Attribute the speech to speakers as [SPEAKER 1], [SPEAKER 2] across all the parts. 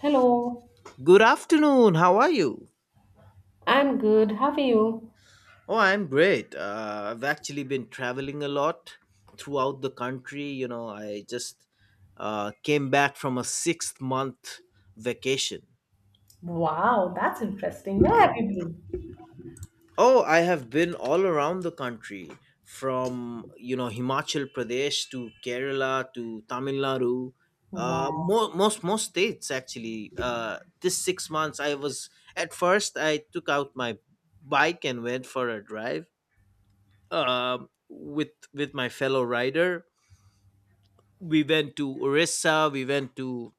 [SPEAKER 1] Hello,
[SPEAKER 2] Good afternoon. How are you?
[SPEAKER 1] I'm good. How are you?
[SPEAKER 2] Oh, I'm great. I've actually been traveling a lot throughout the country. You know, I just came back from a 6 month vacation.
[SPEAKER 1] Wow, that's interesting. Where have you been?
[SPEAKER 2] Oh, I have been all around the country from, you know, Himachal Pradesh to Kerala to Tamil Nadu. Uh,
[SPEAKER 1] Wow.
[SPEAKER 2] mo- most most states actually. This 6 months, I was at first I took out my bike and went for a drive uh, with my fellow rider. We went to Orissa, we went to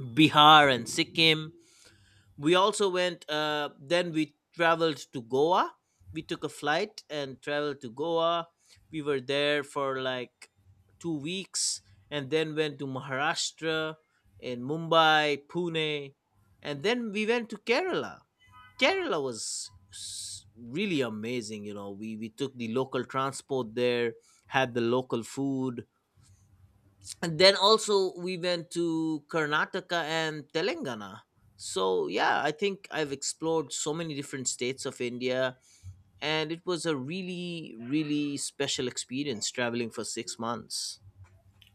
[SPEAKER 2] Bihar and Sikkim. We also went. Then we traveled to Goa. We took a flight and traveled to Goa. We were there for like 2 weeks, and then went to Maharashtra, in Mumbai, Pune, and then we went to Kerala. Was really amazing. You know, we took the local transport there, had the local food, and then also we went to Karnataka and Telangana. So yeah, I think I've explored so many different states of India, and it was a really really special experience traveling for 6 months.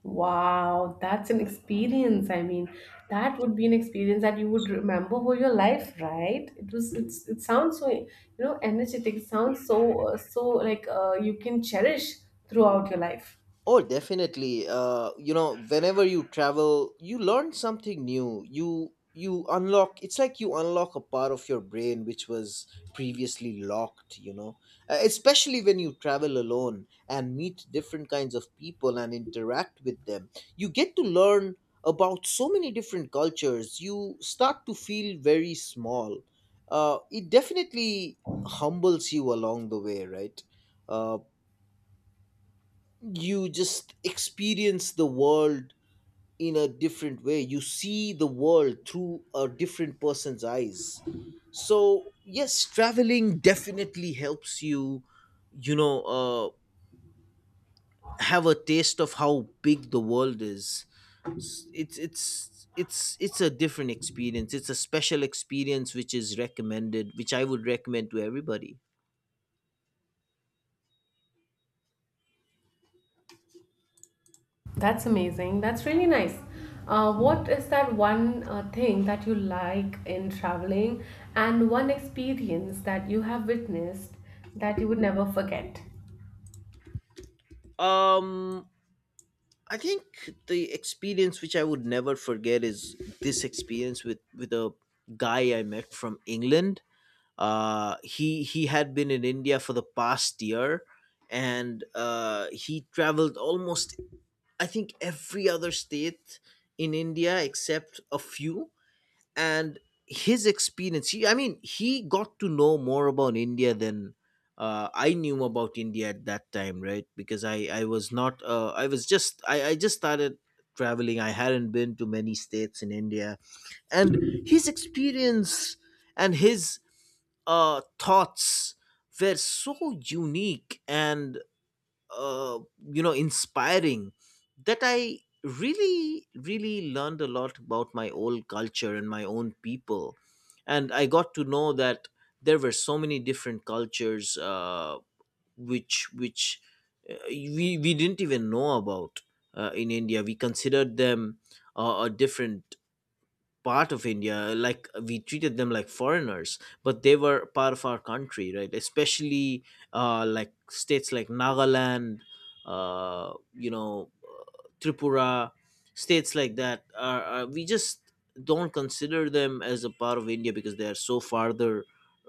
[SPEAKER 1] Wow, that's an experience. I mean, that would be an experience that you would remember for your life, right? It was it's it sounds so, energetic. It sounds so so like you can cherish throughout your life.
[SPEAKER 2] Oh, definitely. You know, whenever you travel, you learn something new. You unlock. It's like you unlock a part of your brain which was previously locked. You know, especially when you travel alone and meet different kinds of people and interact with them, you get to learn about so many different cultures. You start to feel very small. It definitely humbles you along the way, right? Uh, you just experience the world in a different way. You see the world through a different person's eyes, so yes, traveling definitely helps you, you know, have a taste of how big the world is. It's a different experience. It's a special experience which is recommended, which I would recommend to everybody.
[SPEAKER 1] That's amazing. That's really nice. What is that one thing that you like in traveling, and one experience that you have witnessed that you would never forget?
[SPEAKER 2] um I think the experience which I would never forget is this experience with a guy I met from England. He had been in India for the past year, and he traveled almost, I think, every other state in India except a few, and his experience, he I mean he got to know more about India than, I knew about India at that time, right? Because I was not I was just I just started traveling. I hadn't been to many states in India, and his experience and his thoughts were so unique and, uh, you know, inspiring, that I really really learned a lot about my own culture and my own people, and I got to know that there were so many different cultures, which we didn't even know about. In India, we considered them, a different part of India, like we treated them like foreigners, but they were part of our country, right? Especially, like states like Nagaland, uh, you know, Tripura, states like that. Are We just don't consider them as a part of India because they are so farther,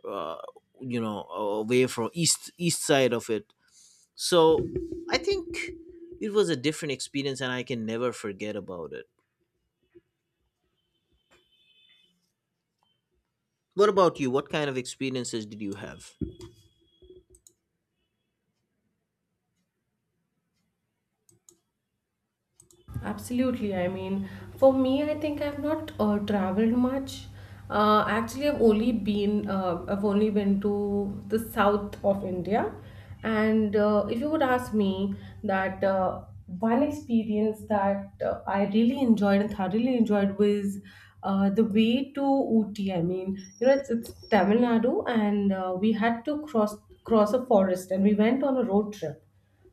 [SPEAKER 2] uh, you know, away from east side of it. So I think it was a different experience, and I can never forget about it. What about you? What kind of experiences did you have?
[SPEAKER 1] Absolutely. I mean, for me, I think I've not traveled much. Actually, I've only been to the south of India, and if you would ask me that one experience that I really enjoyed and thoroughly enjoyed was the way to Ooty. I mean, you know, it's Tamil Nadu, and we had to cross a forest, and we went on a road trip,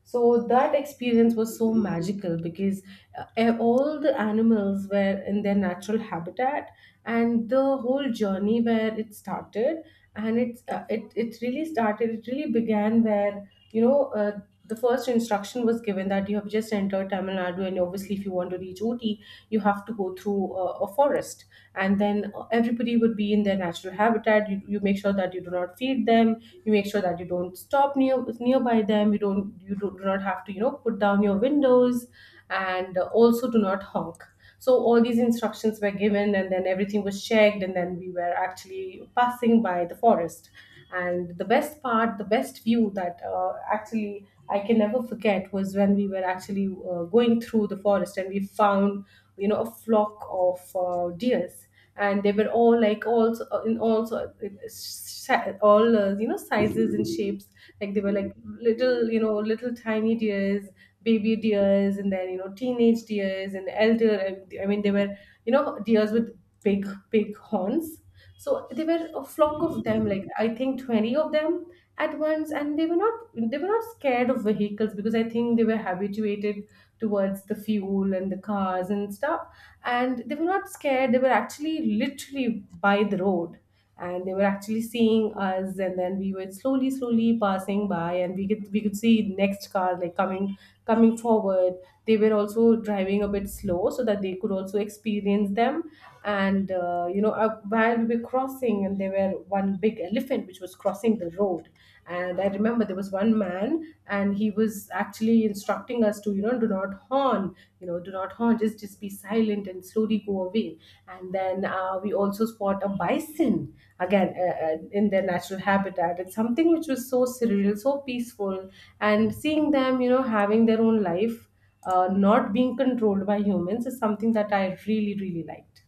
[SPEAKER 1] so that experience was so magical because all the animals were in their natural habitat, and the whole journey, where it started, and it really started. It really began. Where you know. The first instruction was given that you have just entered Tamil Nadu, and obviously, if you want to reach Ooty, you have to go through a forest, and then everybody would be in their natural habitat. You make sure that you do not feed them. You make sure that you don't stop nearby them. You do not have to, put down your windows, and also do not honk. So all these instructions were given, and then everything was checked, and then we were actually passing by the forest. And the best part the best view that actually I can never forget was when we were actually going through the forest, and we found, a flock of deers. And they were all like, all so- in all so sa- all you know sizes and shapes. Like they were like little you know little tiny deers, baby deers, and then, teenage deers, and elder, I mean, they were, you know, deers with big horns. So they were a flock of them, like I think 20 of them at once. And they were not scared of vehicles, because I think they were habituated towards the fuel and the cars and stuff. And they were not scared. They were actually literally by the road, and they were actually seeing us. And then we were slowly passing by, and we could see next car like coming forward. They were also driving a bit slow so that they could also experience them. And while we were crossing, and there were one big elephant which was crossing the road. And I remember there was one man, and he was is actually instructing us to, do not horn, just be silent and slowly go away. And then we also spot a bison, again, in their natural habitat. It's something which was so surreal, so peaceful. And seeing them, having their own life, not being controlled by humans, is something that I really liked.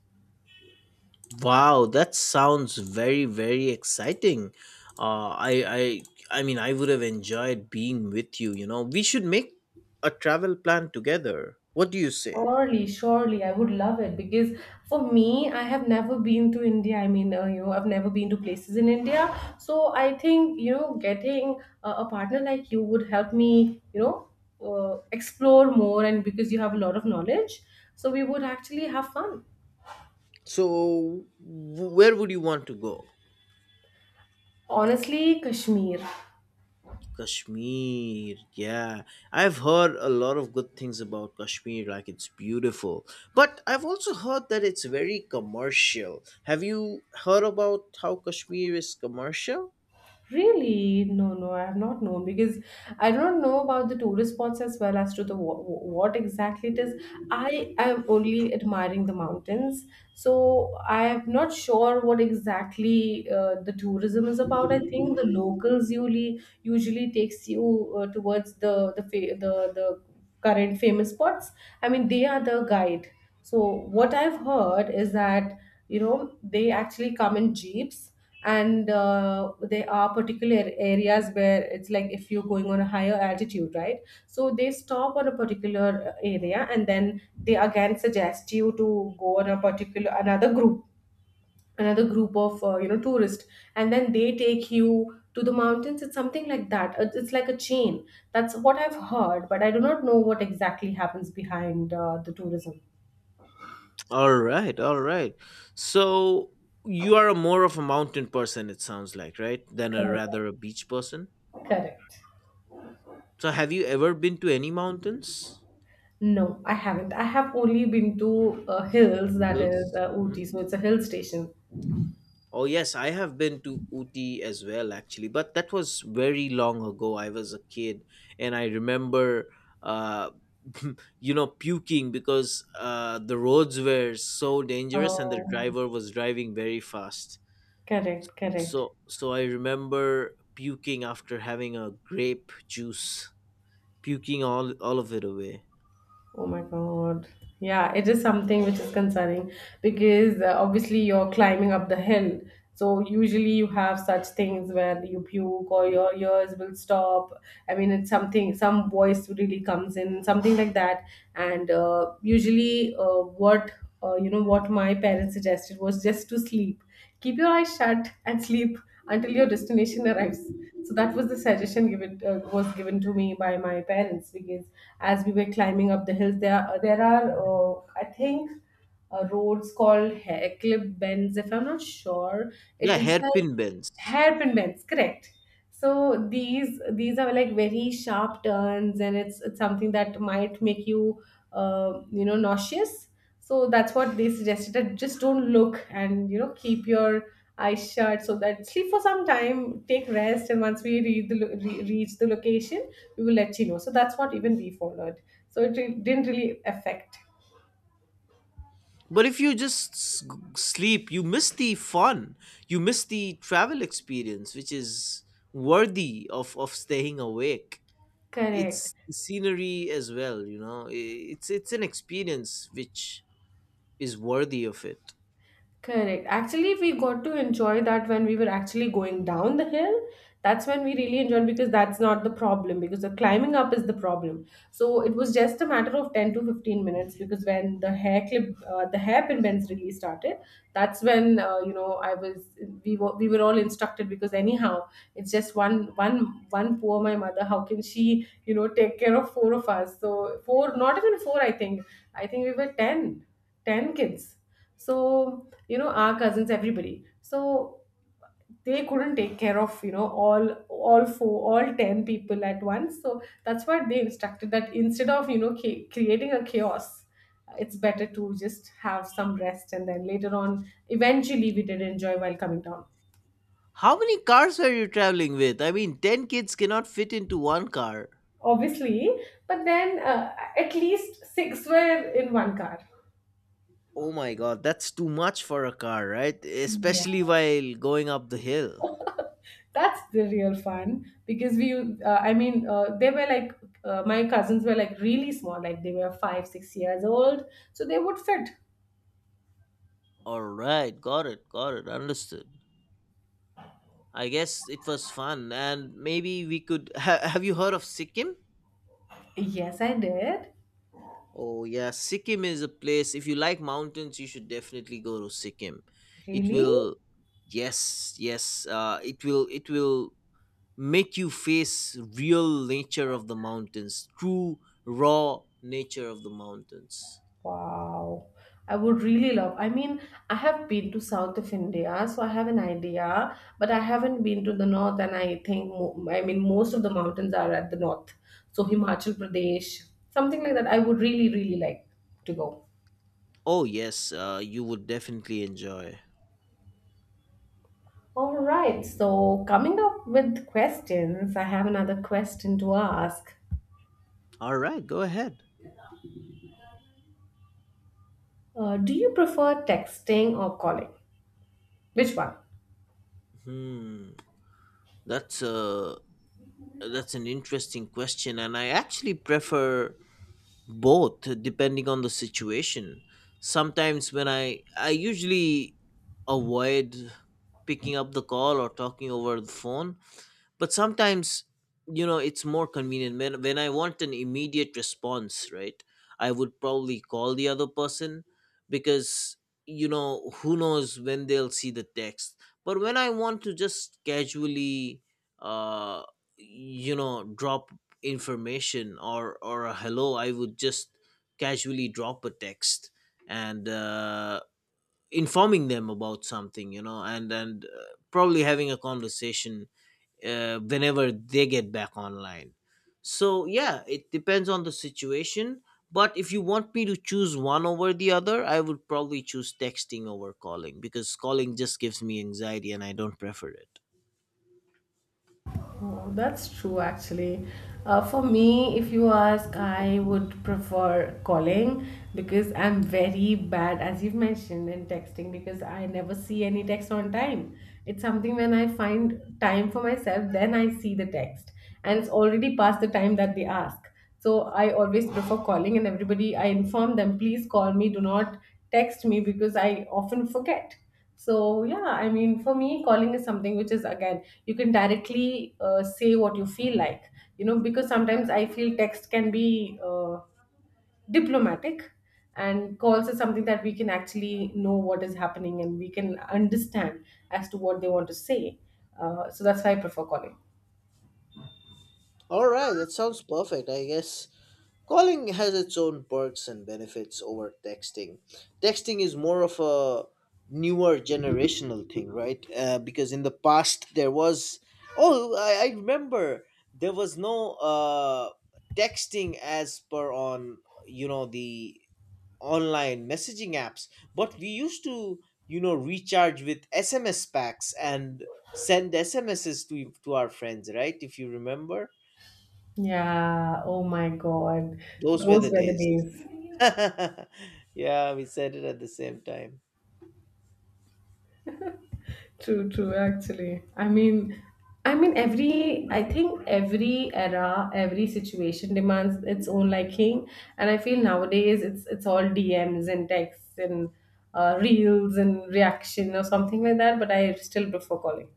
[SPEAKER 2] Wow, that sounds very very exciting. I I mean, I would have enjoyed being with you. You know, we should make a travel plan together. What do you say?
[SPEAKER 1] Surely, surely, I would love it, because for me, I have never been to India. I mean, I've never been to places in India. So I think, getting a partner like you would help me, explore more, and because you have a lot of knowledge. So we would actually have fun.
[SPEAKER 2] So, where would you want to go?
[SPEAKER 1] Honestly, Kashmir.
[SPEAKER 2] Kashmir, yeah. I've heard a lot of good things about Kashmir, like it's beautiful. But I've also heard that it's very commercial. Have you heard about how Kashmir is commercial?
[SPEAKER 1] Really? No, no, I have not known, because I don't know about the tourist spots, as well as to the what exactly it is. I am only admiring the mountains, so I am not sure what exactly the tourism is about. I think the locals usually takes you towards the fa- the current famous spots. I mean, they are the guide. So what I've heard is that, they actually come in jeeps. And there are particular areas where it's like, if you're going on a higher altitude, right, so they stop on a particular area, and then they again suggest you to go on a particular another group, of tourists. And then they take you to the mountains. It's something like that. It's like a chain. That's what I've heard, but I do not know what exactly happens behind the tourism.
[SPEAKER 2] All right, all right. So you are a more of a mountain person, it sounds like, right? Than a
[SPEAKER 1] Correct,
[SPEAKER 2] rather a beach person.
[SPEAKER 1] correct.
[SPEAKER 2] So have you ever been to any mountains,
[SPEAKER 1] No, I haven't. I have only been to hills, that is
[SPEAKER 2] hills?
[SPEAKER 1] Ooty, so it's a hill station.
[SPEAKER 2] Oh yes, I have been to Uti as well, actually, but that was very long ago. I was a kid, and I remember, uh, you know, puking because the roads were so dangerous, and the
[SPEAKER 1] Oh,
[SPEAKER 2] driver was driving very fast.
[SPEAKER 1] correct, correct.
[SPEAKER 2] So I remember puking after having a grape juice, puking all of it away.
[SPEAKER 1] Oh my God. Yeah, it is something which is concerning, because obviously you're climbing up the hill. So usually you have such things where you puke or your ears will stop. I mean, it's something, some voice really comes in, something like that. And usually, what my parents suggested was just to sleep. Keep your eyes shut and sleep until your destination arrives. So that was the suggestion given was given to me by my parents, because as we were climbing up the hills, there are I think roads called hair clip bends. If I'm not sure, it
[SPEAKER 2] Yeah,
[SPEAKER 1] is like
[SPEAKER 2] hairpin bends.
[SPEAKER 1] hairpin bends, correct? So these are like very sharp turns, and it's something that might make you you know nauseous. So that's what they suggested, that just don't look and, keep your eyes shut, so that sleep for some time, take rest, and once we read the lo- re- reach the location, we will let you know. So that's what even we followed. So it didn't really affect.
[SPEAKER 2] But if you just sleep, you miss the fun. You miss the travel experience which is worthy of staying awake.
[SPEAKER 1] Correct.
[SPEAKER 2] It's the scenery as well, you know. It's an experience which is worthy of it.
[SPEAKER 1] Correct. Actually, we got to enjoy that when we were actually going down the hill. That's when we really enjoyed, because that's not the problem. Because the climbing up is the problem. So it was just a matter of 10 to 15 minutes, because when the hairpin bends really started, that's when, I was, we were all instructed, because anyhow, it's just one poor my mother. How can she, take care of four of us? So four, not even four, I think. I think we were 10, kids. So, our cousins, everybody. So they couldn't take care of, all four, all 10 people at once. So that's what they instructed, that instead of, creating a chaos, it's better to just have some rest, and then later on, eventually we did enjoy while coming down.
[SPEAKER 2] How many cars are you traveling with? I mean, 10 kids cannot fit into one car.
[SPEAKER 1] Obviously, but then at least six were in one car.
[SPEAKER 2] Oh my god, that's too much for a car, right?
[SPEAKER 1] Yeah.
[SPEAKER 2] Especially while going up the hill.
[SPEAKER 1] That's the real fun, because we I mean they were like my cousins were like really small, like they were 5-6 years old, so they would fit.
[SPEAKER 2] Alright, got it, understood. I guess it was fun, and maybe we could. Have you heard of Sikkim?
[SPEAKER 1] Yes, I did.
[SPEAKER 2] Oh, yeah, Sikkim is a place. If you like mountains, you should definitely go to Sikkim. It
[SPEAKER 1] Really?
[SPEAKER 2] will. Yes, yes, it will. It will make you face real nature of the mountains, true raw nature of the mountains.
[SPEAKER 1] Wow. I would really love. I mean, I have been to south of India, so I have an idea, but I haven't been to the north, and I think I mean most of the mountains are at the north. So Himachal Pradesh, something like that, I would really like to go.
[SPEAKER 2] Oh, yes, you would definitely enjoy.
[SPEAKER 1] All right, so coming up with questions, I have another question to ask.
[SPEAKER 2] All right, go ahead.
[SPEAKER 1] Do you prefer texting or calling? Which one?
[SPEAKER 2] Hmm. That's a, that's an interesting question, and I actually prefer both, depending on the situation. Sometimes when I usually avoid picking up the call or talking over the phone, but sometimes, you know, it's more convenient when I want an immediate response, right? I would probably call the other person, because, you know, who knows when they'll see the text. But when I want to just casually, uh you know, drop information or a hello, I would just casually drop a text, and informing them about something, you know, and probably having a conversation, whenever they get back online. So yeah, it depends on the situation. But if you want me to choose one over the other, I would probably choose texting over calling, because calling just gives me anxiety and I don't prefer it.
[SPEAKER 1] Oh, that's true, actually. For me, if you ask, I would prefer calling, because I'm very bad, as you've mentioned, in texting, because I never see any text on time. It's something, when I find time for myself, then I see the text. And it's already past the time that they ask. So I always prefer calling, and everybody, I inform them, please call me, do not text me, because I often forget. So, yeah, I mean, for me, calling is something which is, again, you can directly say what you feel like, because sometimes I feel text can be diplomatic, and calls is something that we can actually know what is happening, and we can understand as to what they want to say. So, that's why I prefer calling.
[SPEAKER 2] All right, that sounds perfect. I guess calling has its own perks and benefits over texting. Texting is more of a newer generational thing, right? Because in the past there was, oh, I remember there was no texting as per on, you know, the online messaging apps, but we used to, you know, recharge with SMS packs and send SMSes to our friends, right? If you remember,
[SPEAKER 1] Yeah, oh my God.
[SPEAKER 2] those were the
[SPEAKER 1] Those were the
[SPEAKER 2] days.
[SPEAKER 1] days.
[SPEAKER 2] Yeah, we said it at the same time.
[SPEAKER 1] True, true, actually. I mean, every I think every era, every situation demands its own liking. And I feel nowadays it's all DMs and texts and reels and reaction, or something like that, but I still prefer calling.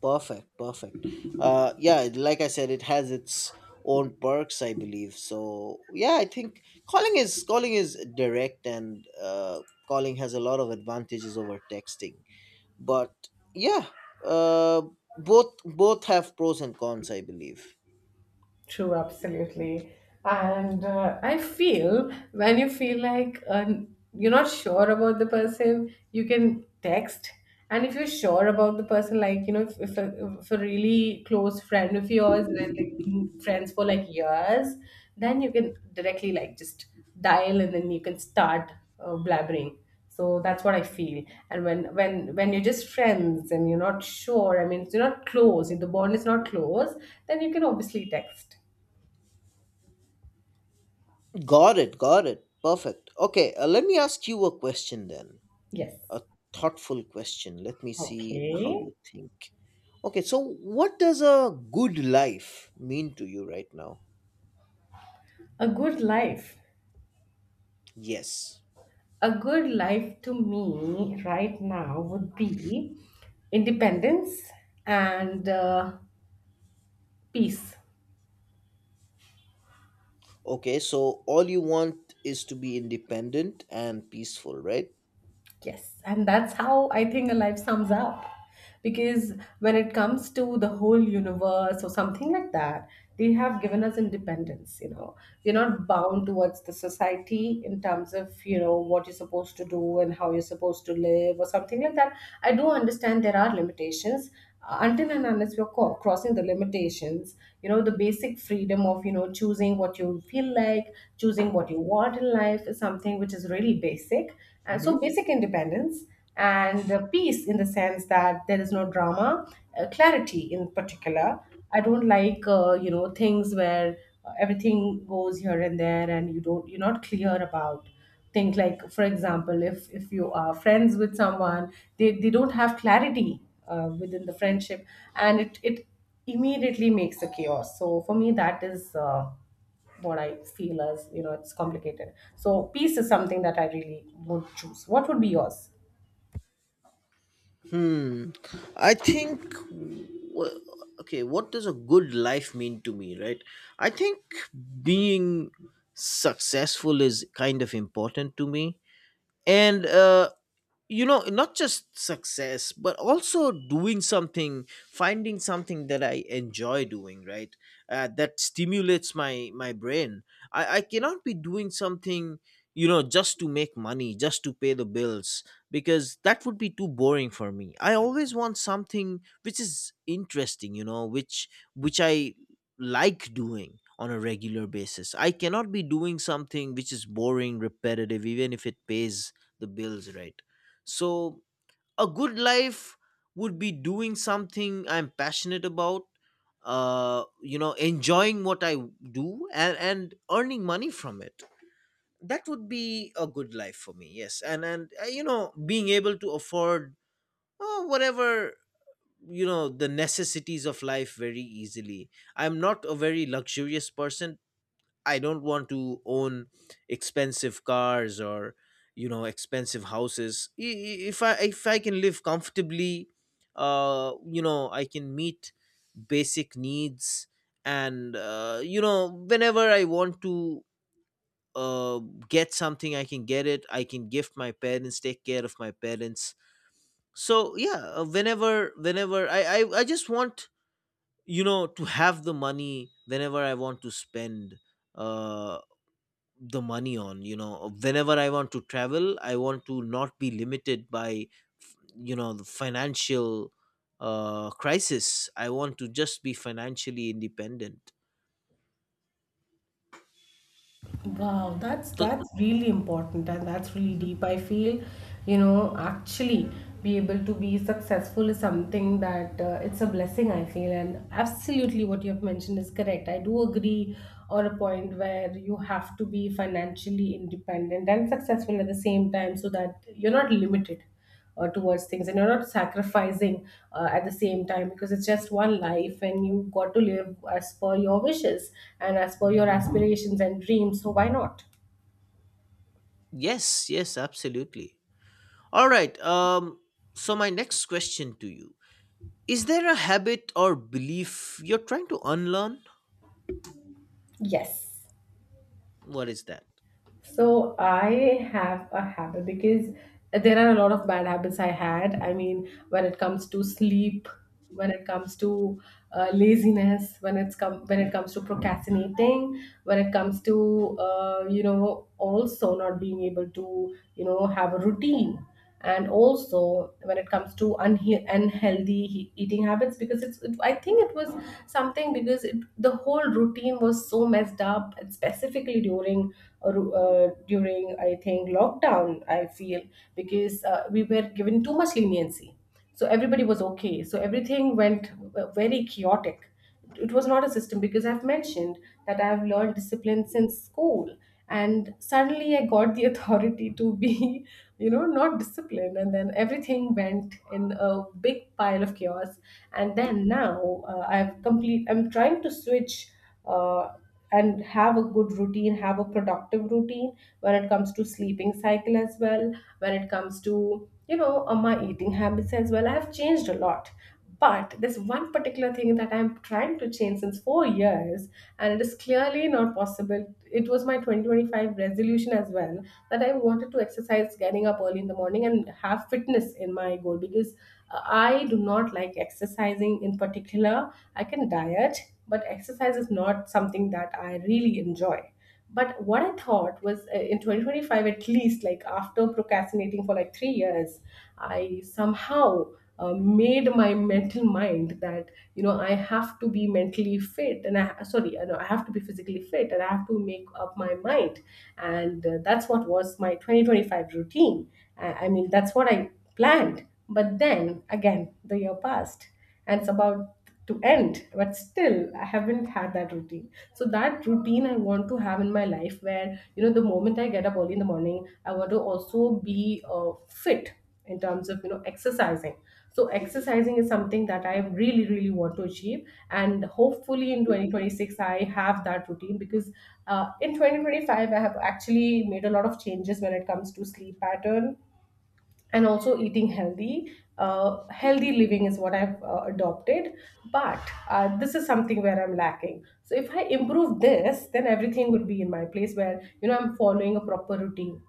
[SPEAKER 2] Perfect, perfect. Yeah, like I said, it has its own perks, I believe. So yeah, I think calling is direct, and calling has a lot of advantages over texting. But yeah, uh, both have pros and cons, I believe.
[SPEAKER 1] True, absolutely. And I feel when you feel like, you're not sure about the person, you can text. And if you're sure about the person, like, you know, if a really close friend of yours, and they've been friends for like years, then you can directly like just dial and then you can start blabbering, so that's what I feel. And when you're just friends and you're not sure, I mean if you're not close, if the bond is not close, then you can obviously text.
[SPEAKER 2] Got it, got it. Perfect. Okay, let me ask you a question then.
[SPEAKER 1] Yes.
[SPEAKER 2] A thoughtful question. Let me see how
[SPEAKER 1] Okay.
[SPEAKER 2] you think. Okay, so what does a good life mean to you right now?
[SPEAKER 1] A good life.
[SPEAKER 2] Yes.
[SPEAKER 1] A good life to me right now would be independence and peace.
[SPEAKER 2] Okay, so all you want is to be independent and peaceful, right?
[SPEAKER 1] Yes, and that's how I think a life sums up. Because when it comes to the whole universe or something like that, they have given us independence. You know, we're not bound towards the society in terms of, you know, what you're supposed to do and how you're supposed to live or something like that. I do understand there are limitations. Until and unless you're crossing the limitations, you know, the basic freedom of, you know, choosing what you feel like, choosing what you want in life is something which is really basic. And
[SPEAKER 2] Hmm.
[SPEAKER 1] so, basic independence, and peace in the sense that there is no drama, clarity in particular. I don't like, you know, things where everything goes here and there and you don't, you're not clear about. Think, like for example, if you are friends with someone, they don't have clarity within the friendship, and it immediately makes a chaos. So for me, that is what I feel as, you know, it's complicated. So peace is something that I really would choose. What would be yours?
[SPEAKER 2] Hmm. I think. wh- Okay, what does a good life mean to me, right? I think being successful is kind of important to me, and, you know, not just success but also doing something, finding something that I enjoy doing, right? That stimulates my brain. I cannot be doing something, you know, just to make money, just to pay the bills, because that would be too boring for me. I always want something which is interesting, you know, which I like doing on a regular basis. I cannot be doing something which is boring, repetitive, even if it pays the bills, right? So, a good life would be doing something I'm passionate about, you know, enjoying what I do, and, earning money from it. That would be a good life for me, yes. And, you know, being able to afford, whatever, you know, the necessities of life very easily. I'm not a very luxurious person. I don't want to own expensive cars or, you know, expensive houses. If I can live comfortably, you know, I can meet basic needs, and, you know, whenever I want to, uh, get something, I can get it. I can gift my parents, take care of my parents. So yeah, whenever I just want, you know, to have the money whenever I want to spend uh the money on, you know, whenever I want to travel, I want to not be limited by, you know, the financial crisis. I want to just be financially independent.
[SPEAKER 1] Wow, that's
[SPEAKER 2] So
[SPEAKER 1] that's really important and that's really
[SPEAKER 2] Mhm.
[SPEAKER 1] deep. I feel, you know, actually, be able to be successful is something that, it's a blessing, I feel. And absolutely what you have mentioned is correct. I do agree on a point where you have to be financially independent and successful at the same time so that you're not limited towards things and you're not sacrificing at the same time, because it's just one life and you got to live as per your wishes and as per your aspirations and dreams, so why not?
[SPEAKER 2] Yes, yes, absolutely. All right. So my next question to you is, there a habit or belief you're trying to unlearn?
[SPEAKER 1] Yes.
[SPEAKER 2] What is that?
[SPEAKER 1] So I have a habit because there are a lot of bad habits I had. I mean, when it comes to sleep, when it comes to laziness, when it comes to procrastinating, when it comes to, you know, also not being able to, you know, have a routine, and also when it comes to unhealthy eating habits, because it's it, I think it was something because it, the whole routine was so messed up, and specifically during during I think lockdown, I feel, because we were given too much leniency, so everybody was okay, so everything went very chaotic. It was not a system, because I've mentioned that I've learned discipline since school. And suddenly I got the authority to be, you know, not disciplined. And then everything went in a big pile of chaos. And then now, I'm trying to switch uh, and have a good routine, have a productive routine when it comes to sleeping cycle as well, when it comes to, you know, my eating habits as well. I've changed a lot, but there's one particular thing that I'm trying to change since 4 years, and it is clearly not possible. It was my 2025 resolution as well, that I wanted to exercise, getting up early in the morning, and have fitness in my goal, because I do not like exercising in particular. I can diet, but exercise is not something that I really enjoy. But what I thought was, in 2025, at least, like after procrastinating for like 3 years, I somehow made my mental mind that, you know, I have to be mentally fit, and I know I have to be physically fit, and I have to make up my mind. And that's what was my 2025 routine. That's what I planned. But then again, the year passed and it's about to end, but still I haven't had that routine. So that routine I want to have in my life, where, you know, the moment I get up early in the morning, I want to also be fit in terms of, you know, exercising. So exercising is something that I really, really want to achieve, and hopefully in 2026 I have that routine, because in 2025 I have actually made a lot of changes when it comes to sleep pattern, and also eating healthy. Healthy living is what I've adopted, but this is something where I'm lacking. So if I improve this, then everything would be in my place, where, you know, I'm following a proper routine.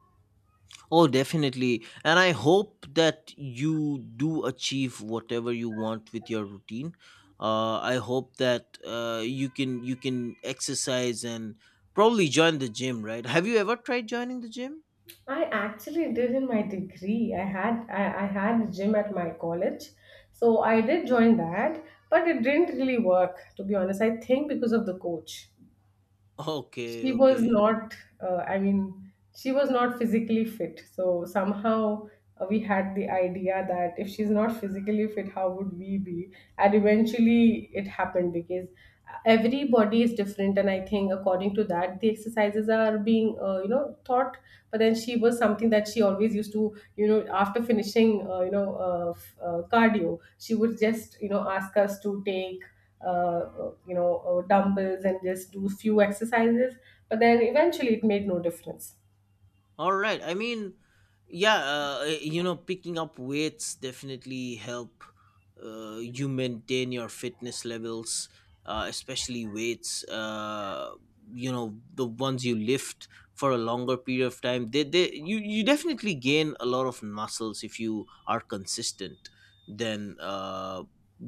[SPEAKER 2] Oh, definitely. And I hope that you do achieve whatever you want with your routine. I hope that you can exercise and probably join the gym, right? Have you ever tried joining the gym?
[SPEAKER 1] I actually did in my degree. I had a gym at my college, so I did join that, but it didn't really work. To be honest, I think because of the coach.
[SPEAKER 2] Okay,
[SPEAKER 1] She was
[SPEAKER 2] okay.
[SPEAKER 1] not she was not physically fit, so somehow we had the idea that if she's not physically fit, how would we be? And eventually it happened, because every body is different, and I think according to that, the exercises are being, you know, taught. But then she was something that she always used to, you know, after finishing, cardio, she would just, you know, ask us to take, dumbbells and just do few exercises, but then eventually it made no difference.
[SPEAKER 2] All right. I mean, yeah, you know, picking up weights definitely help you maintain your fitness levels, especially weights. You know, the ones you lift for a longer period of time. You, you definitely gain a lot of muscles if you are consistent. Then,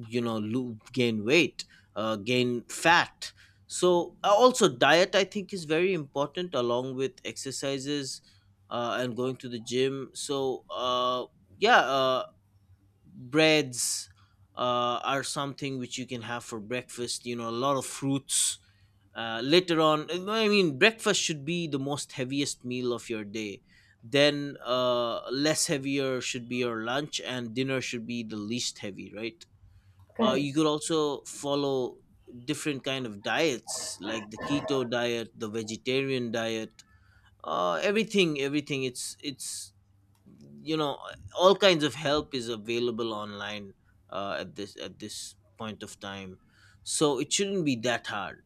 [SPEAKER 2] you know, gain weight, gain fat. So also diet, I think, is very important along with exercises and going to the gym. So yeah, uh, breads are something which you can have for breakfast. You know, a lot of fruits. Later on, I mean, breakfast should be the most heaviest meal of your day. Then less heavier should be your lunch, and dinner should be the least heavy, right?
[SPEAKER 1] Correct.
[SPEAKER 2] You could also follow different kind of diets like the keto diet, the vegetarian diet, everything, it's you know, all kinds of help is available online at this point of time, so it shouldn't be that hard.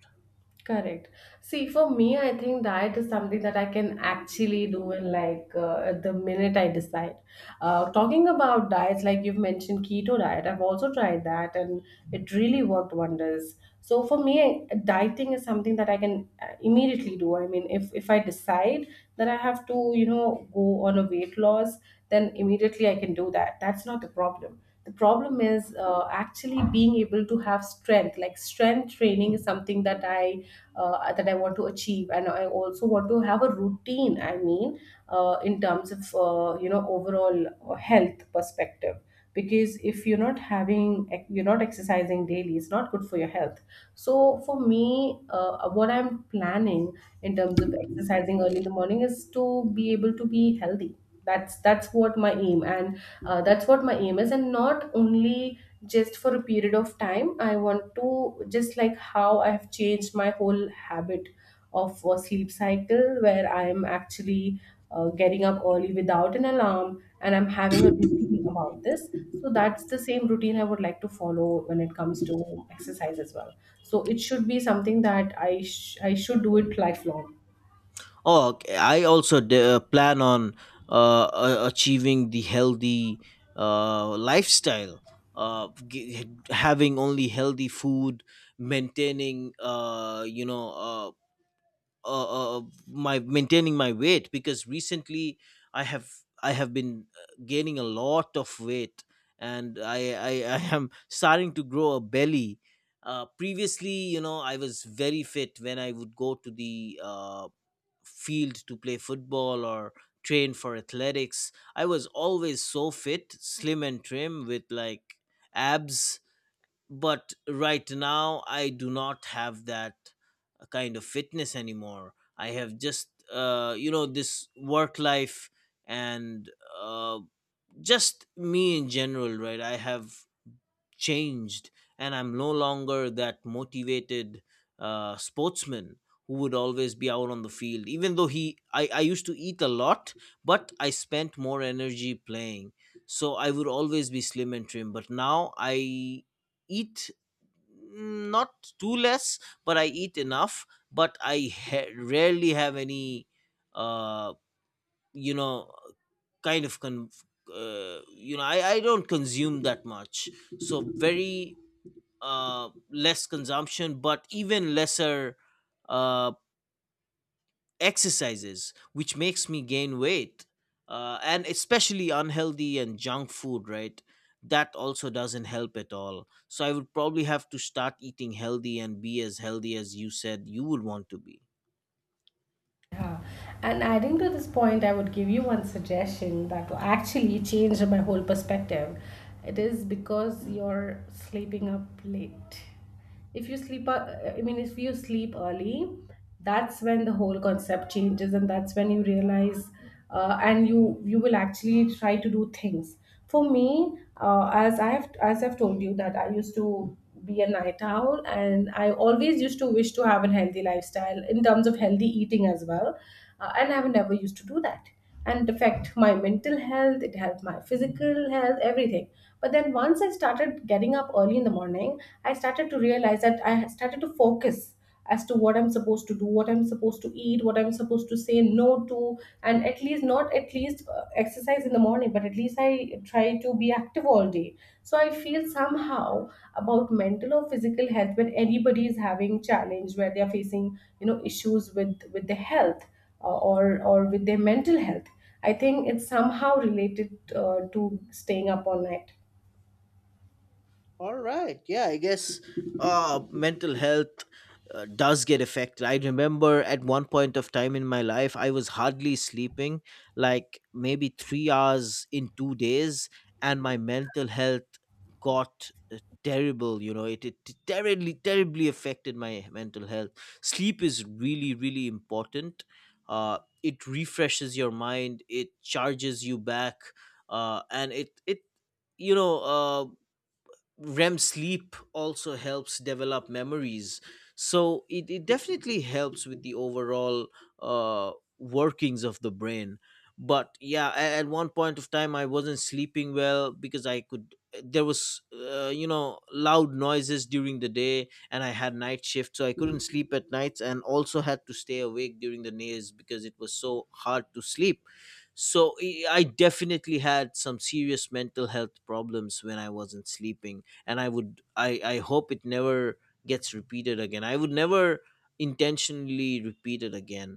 [SPEAKER 1] Correct. See, for me, I think diet is something that I can actually do in like, the minute I decide. Talking about diets, like you've mentioned keto diet, I've also tried that, and it really worked wonders. So for me, dieting is something that I can immediately do. I mean, if I decide that I have to, you know, go on a weight loss, then immediately I can do that. That's not the problem. The problem is actually being able to have strength. Like strength training is something that I want to achieve, and I also want to have a routine. I mean, in terms of, you know, overall health perspective, because if you're not having, you're not exercising daily, it's not good for your health. So for me, what I'm planning in terms of exercising early in the morning is to be able to be healthy. That's what my aim, and that's what my aim is, and not only just for a period of time. I want to just, like how I have changed my whole habit of a sleep cycle, where I'm actually getting up early without an alarm and I'm having a routine about this. So that's the same routine I would like to follow when it comes to exercise as well. So it should be something that I should do it lifelong.
[SPEAKER 2] Oh, okay. I also plan on achieving the healthy lifestyle, having only healthy food, maintaining you know my maintaining my weight because recently I have, I have been gaining a lot of weight, and I am starting to grow a belly. Previously, you know, I was very fit when I would go to the field to play football or train for athletics. I was always so fit, slim and trim, with like abs, but right now I do not have that kind of fitness anymore. I have just you know, this work life and uh, just me in general, right? I have changed, and I'm no longer that motivated sportsman who would always be out on the field even though he I used to eat a lot, but I spent more energy playing, so I would always be slim and trim. But now I eat, not too less, but I eat enough, but I rarely have any uh you know kind of con- you know I don't consume that much. So very less consumption but even lesser uh exercises, which makes me gain weight, and especially unhealthy and junk food, right? That also doesn't help at all, so I would probably have to start eating healthy and be as healthy as you said you would want to be.
[SPEAKER 1] Yeah. And adding to this point, I would give you one suggestion that will actually changed my whole perspective. It is because you're sleeping up late. If you sleep, if you sleep early, that's when the whole concept changes, and that's when you realize, and you will actually try to do things. For me, as I've told you that I used to be a night owl, and I always used to wish to have a healthy lifestyle in terms of healthy eating as well, and I've never used to do that. And it affect my mental health, it helped my physical health, everything. But then once I started getting up early in the morning, I started to realize that I started to focus as to what I'm supposed to do, what I'm supposed to eat, what I'm supposed to say no to, and at least not at least exercise in the morning, but at least I try to be active all day. So I feel somehow about mental or physical health, when anybody is having challenge where they are facing, you know, issues with their health, or with their mental health, I think it's somehow related to staying up all night.
[SPEAKER 2] All right. Yeah, I guess mental health does get affected. I remember at one point of time in my life, I was hardly sleeping, like maybe 3 hours in two days, and my mental health got terrible. You know, it terribly, terribly affected my mental health. Sleep is really, really important. It refreshes your mind, it charges you back, and it you know uh, REM sleep also helps develop memories. So it definitely helps with the overall uh, workings of the brain. But yeah, at one point of time, I wasn't sleeping well because I could. There was, you know, loud noises during the day, and I had night shift, so I couldn't sleep at nights, and also had to stay awake during the days because it was so hard to sleep. So I definitely had some serious mental health problems when I wasn't sleeping, and I would I hope it never gets repeated again. I would never intentionally repeat it again.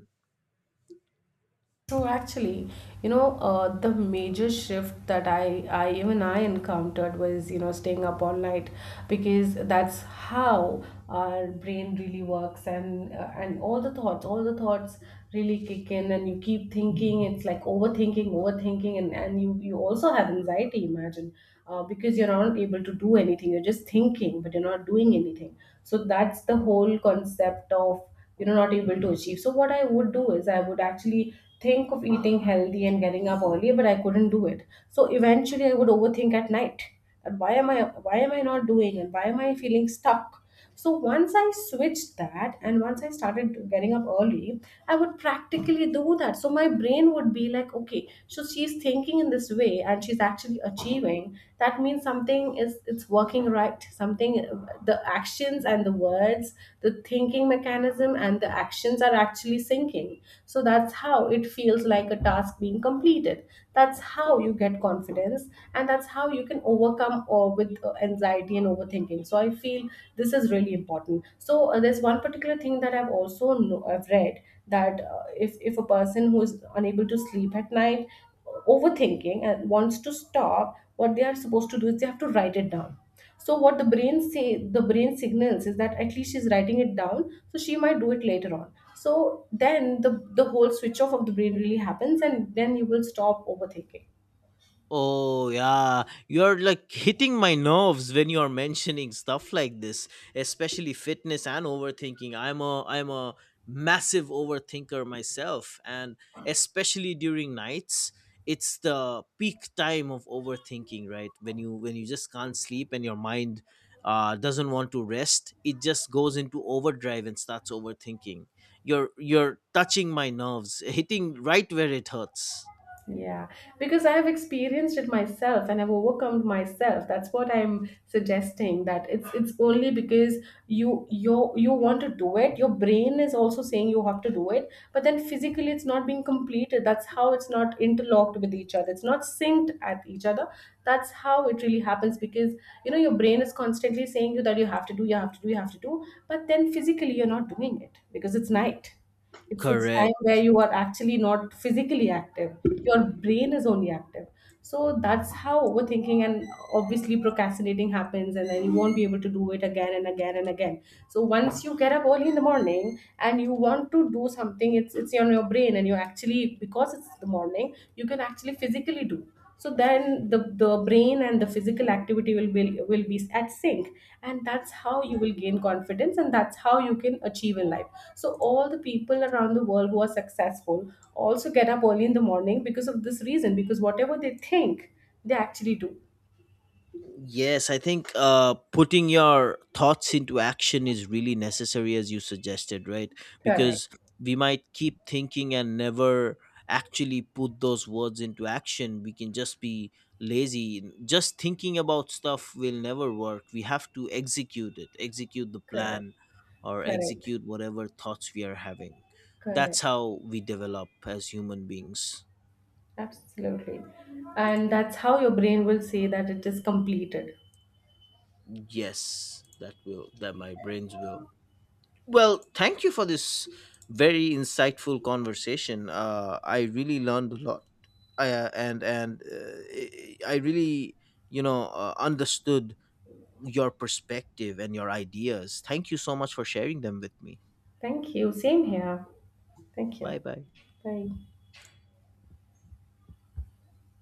[SPEAKER 1] So actually, you know, the major shift that I encountered was, you know, staying up all night, because that's how our brain really works, and all the thoughts really kick in, and you keep thinking. It's like overthinking, overthinking, and you also have anxiety. Imagine, because you're not able to do anything. You're just thinking, but you're not doing anything. So that's the whole concept of, you know, not able to achieve. So what I would do is I would actually think of eating healthy and getting up early, but I couldn't do it, so eventually I would overthink at night, and why am I not doing, and why am I feeling stuck. So once I switched that, and once I started getting up early, I would practically do that, so my brain would be like, okay, so she's thinking in this way and she's actually achieving. That means something is, it's working, right? Something, the actions questions and the words, the thinking mechanism and the actions are actually syncing. So that's how it feels like a task being completed. That's how you get confidence, and that's how you can overcome or with anxiety and overthinking. So I feel this is really important. So there's one particular thing that I've read, that if a person who is unable to sleep at night, overthinking, and wants to stop what they are supposed to do, is they have to write it down. So what the brain say, the brain signals is that at least she's writing it down, so she might do it later on. So then the whole switch off of the brain really happens, and then you will stop overthinking.
[SPEAKER 2] Oh, yeah. You're like hitting my nerves when you're mentioning stuff like this, especially fitness and overthinking. I'm a massive overthinker myself, and especially during nights, it's the peak time of overthinking, right? When you just can't sleep and your mind doesn't want to rest, it just goes into overdrive and starts overthinking. You're touching my nerves, hitting right where it hurts.
[SPEAKER 1] Yeah, because I have experienced it myself and I've overcome myself. That's what I'm suggesting, that it's only because you want to do it. Your brain is also saying you have to do it, but then physically it's not being completed. That's how it's not interlocked with each other. It's not synced at each other. That's how it really happens, because, you know, your brain is constantly saying you that you have to do, you have to do, you have to do, but then physically you're not doing it because it's night. It's time where
[SPEAKER 2] Correct.
[SPEAKER 1] you are actually not physically active. Your brain is only active. So that's how overthinking and obviously procrastinating happens, and then you won't be able to do it again and again and again. So once you get up early in the morning and you want to do something, it's on your brain, and you actually, because it's the morning, you can actually physically do. So then the brain and the physical activity will be at sync, and that's how you will gain confidence, and that's how you can achieve in life. So all the people around the world who are successful also get up early in the morning because of this reason, because whatever they think, they actually do.
[SPEAKER 2] Yes, I think putting your thoughts into action is really necessary, as you suggested, right?
[SPEAKER 1] Correct.
[SPEAKER 2] Because we might keep thinking and never actually put those words into action. We can just be lazy. Just thinking about stuff will never work. We have to execute it, execute the
[SPEAKER 1] Correct.
[SPEAKER 2] plan, or
[SPEAKER 1] Correct.
[SPEAKER 2] execute whatever thoughts we are having. That's
[SPEAKER 1] Correct.
[SPEAKER 2] how we develop as human beings.
[SPEAKER 1] Absolutely. And that's how your brain will say that it is completed.
[SPEAKER 2] Yes, that will, that my brains will. Well, thank you for this very insightful conversation. I really learned a lot, and I really, you know, understood your perspective and your ideas. Thank you so much for sharing them with me.
[SPEAKER 1] Thank you. Same here. Thank
[SPEAKER 2] Bye
[SPEAKER 1] you.
[SPEAKER 2] bye.
[SPEAKER 1] Bye.